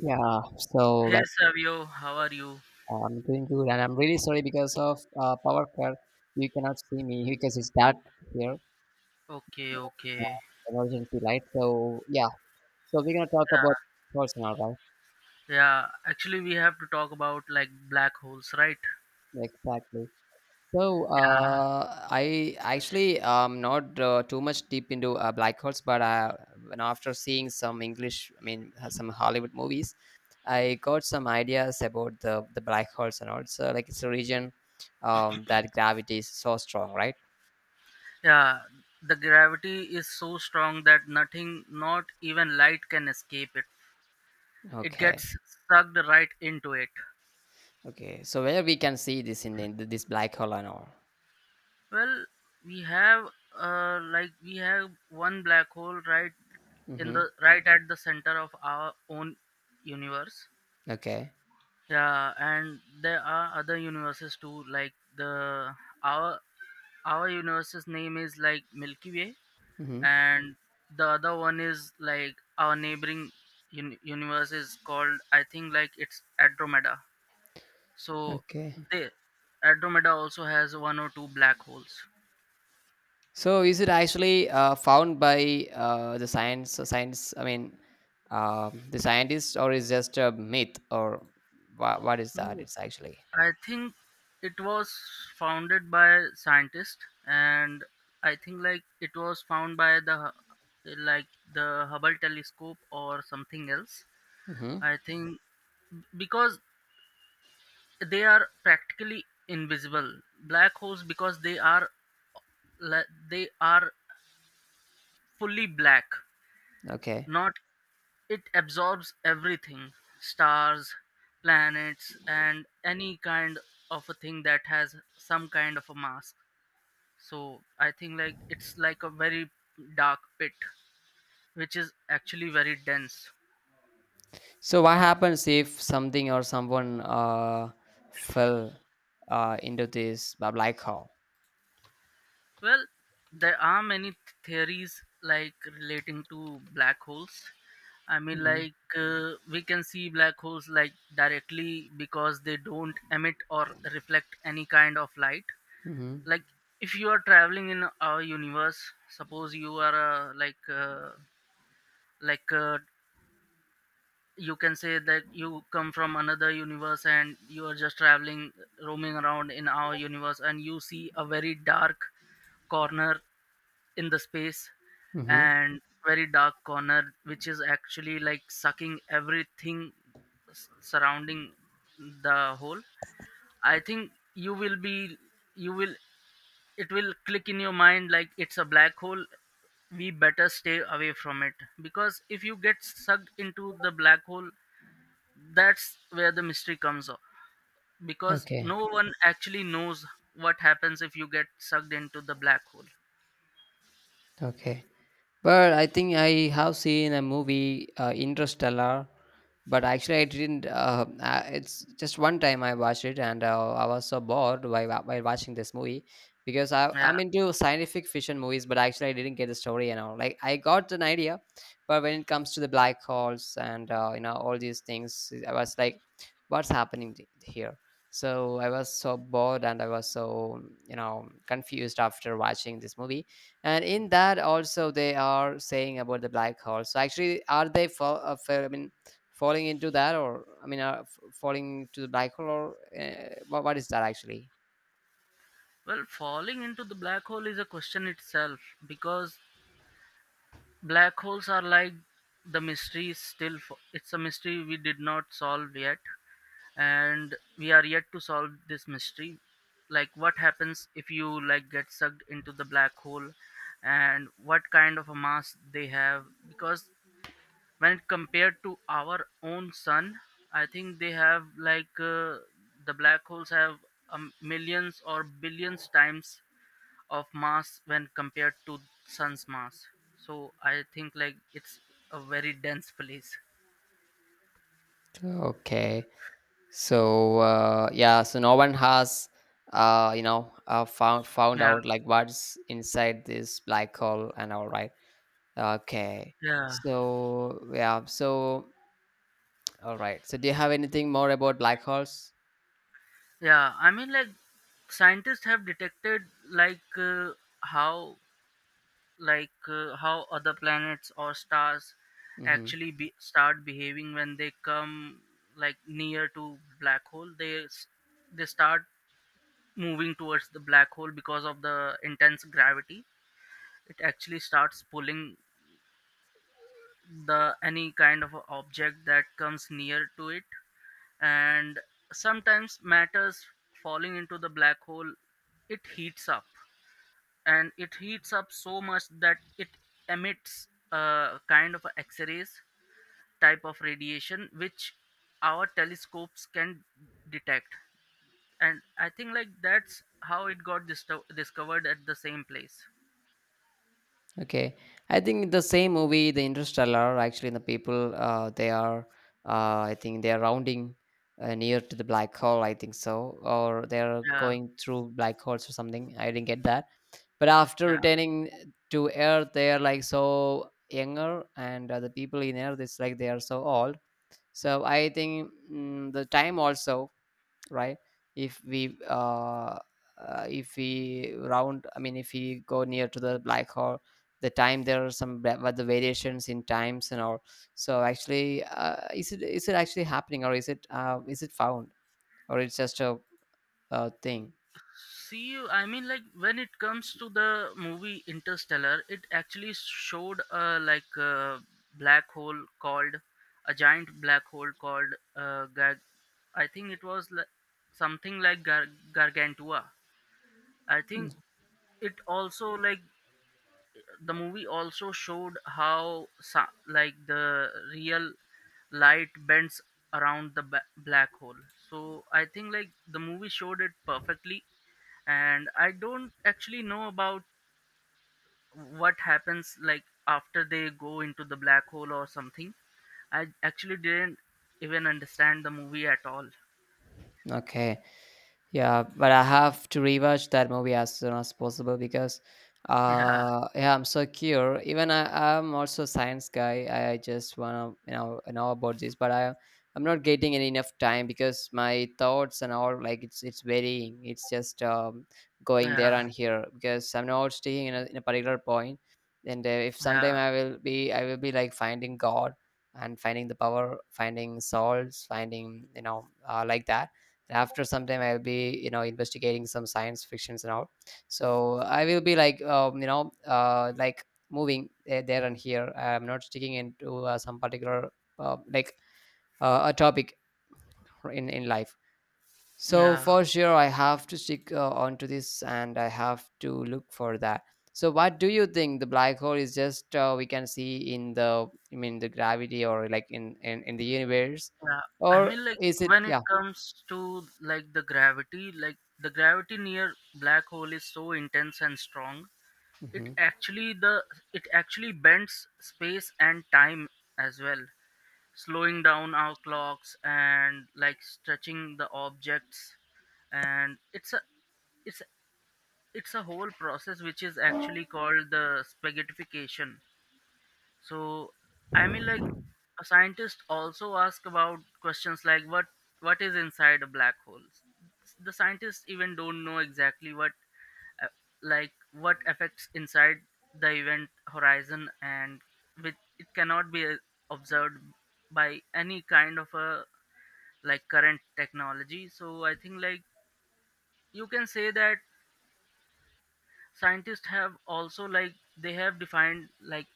Yeah, so Hey well, Savio, how are you? I'm doing good, and I'm really sorry because of power cut. You cannot see me because it's dark here, Okay, okay. uh, emergency light. So yeah, so we're gonna talk Yeah, about personal, right? yeah. Actually, we have to talk about like black holes, right? Exactly. So Yeah, I actually not too much deep into black holes, but when after seeing some English, I mean some Hollywood movies, I got some ideas about the black holes, and also like it's a region that gravity is so strong, right? yeah. The gravity is so strong that nothing, not even light, can escape it. It Okay, gets sucked right into it. okay. So where we can see this in, the, in this black hole and all. Well, we have like we have one black hole right in Mm-hmm. the right at the center of our own universe. Okay. Yeah, and there are other universes too, like the our our universe's name is like Milky Way, Mm-hmm. and the other one is like our neighboring universe is called I think like it's Andromeda. So Okay. they Andromeda also has one or two black holes. So is it actually found by the science? Science, I mean, the scientists, or is just a myth, or what is that? No, It's actually. I think it was founded by scientists, and I think like it was found by the like the Hubble telescope or something else. Mm-hmm. I think because they are practically invisible black holes because they are fully black. Okay. Not it absorbs everything, stars, planets, and any kind of a thing that has some kind of a mass. So I think like it's like a very dark pit, which is actually very dense. So what happens if something or someone fell into this black hole? Well, there are many theories like relating to black holes. I mean, Mm-hmm. like we can see black holes like directly because they don't emit or reflect any kind of light. Mm-hmm. Like if you are traveling in our universe, suppose you are like uh, you can say that you come from another universe and you are just traveling, roaming around in our universe, and you see a very dark corner in the space Mm-hmm. and very dark corner which is actually like sucking everything surrounding the hole. I think you will it will click in your mind like it's a black hole. We better stay away from it because if you get sucked into the black hole, that's where the mystery comes up because Okay. no one actually knows what happens if you get sucked into the black hole. Okay. But I think I have seen a movie, Interstellar. But actually, I didn't. It's just one time I watched it, and I was so bored while, while watching this movie, because Yeah. I'm into scientific fiction movies, but actually, I didn't get the story and all. Like, I got an idea, but when it comes to the black holes and all these things, I was like, "What's happening here?" So I was so bored, and I was so confused after watching this movie. And in that also they are saying about the black hole. So actually are they fall, I mean falling into that, or I mean are falling to the black hole, or what is that actually? Well, falling into the black hole is a question itself because black holes are like the mystery is still it's a mystery we did not solve yet, and we are yet to solve this mystery, like what happens if you like get sucked into the black hole and what kind of a mass they have because when it compared to our own sun, I think they have like the black holes have millions or billions times of mass when compared to sun's mass. So I think like it's a very dense place. Okay, so yeah, so no one has found Yeah. out like what's inside this black hole and all, right? Okay. Yeah. So yeah, so all right, so do you have anything more about black holes? Yeah, I mean like scientists have detected like how like how other planets or stars Mm-hmm. actually start behaving when they come like near to black hole. They start moving towards the black hole because of the intense gravity. It actually starts pulling the any kind of a object that comes near to it, and sometimes matters falling into the black hole, it heats up, and it heats up so much that it emits a kind of a x-rays type of radiation which our telescopes can detect. And I think like that's how it got discovered at the same place. Okay, I think the same movie, The Interstellar. Actually, the people they are, I think they are rounding near to the black hole. I think so, or they are Yeah. going through black holes or something. I didn't get that. But after Yeah. returning to Earth, they are like so younger, and the people in Earth it's like they are so old. So I think the time also, right? If we if we round, I mean if we go near to the black hole, the time, there are some the variations in times and all. So actually is it, is it actually happening, or is it found, or it's just a thing? See, I mean, like when it comes to the movie Interstellar, it actually showed a like a black hole called a giant black hole called I think it was like something like Gargantua. I think it also like the movie also showed how like the real light bends around the black hole. So I think like the movie showed it perfectly, and I don't actually know about what happens like after they go into the black hole or something. I actually didn't even understand the movie at all. Okay. Yeah, but I have to rewatch that movie as soon as possible because, Yeah. Yeah, I'm so curious. Even I'm also a science guy. I just wanna know about this, but I, I'm not getting any enough time because my thoughts and all, like it's varying. It's just going there Yeah. and here because I'm not sticking in a particular point. And if Yeah. sometime I will be like finding God, and finding the power, finding souls, finding like that. After some time I'll be investigating some science fictions and all. So I will be like like moving there and here. I'm not sticking into some particular uh, like a topic in life. So Yeah. for sure I have to stick onto this, and I have to look for that. So what do you think? The black hole is just we can see in the, I mean the gravity, or like in the universe, Yeah, I or mean like is it, when it yeah. comes to like the gravity, like the gravity near black hole is so intense and strong. it Mhm. actually the it actually bends space and time as well, slowing down our clocks and like stretching the objects. And it's a it's a- it's a whole process which is actually called the spaghettification. So I mean like a scientist also ask about questions like what is inside a black hole. The scientists even don't know exactly what uh, like what affects inside the event horizon, and with it cannot be observed by any kind of a like current technology. So I think like you can say that scientists have also like they have defined like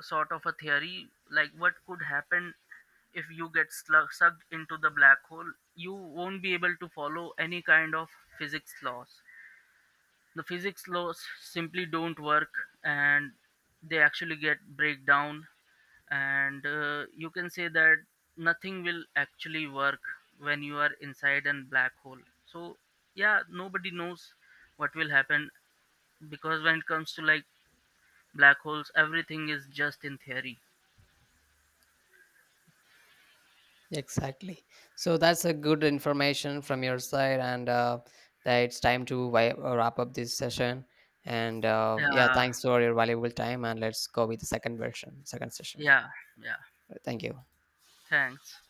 sort of a theory like what could happen if you get sucked into the black hole. You won't be able to follow any kind of physics laws. The physics laws simply don't work, and they actually get breakdown. And you can say that nothing will actually work when you are inside a black hole. So yeah, nobody knows what will happen because when it comes to like black holes, everything is just in theory. Exactly. So that's a good information from your side, and that it's time to wrap up this session. And yeah, Yeah. thanks for your valuable time, and let's go with the second version, second session. Yeah. Yeah. Thank you. Thanks.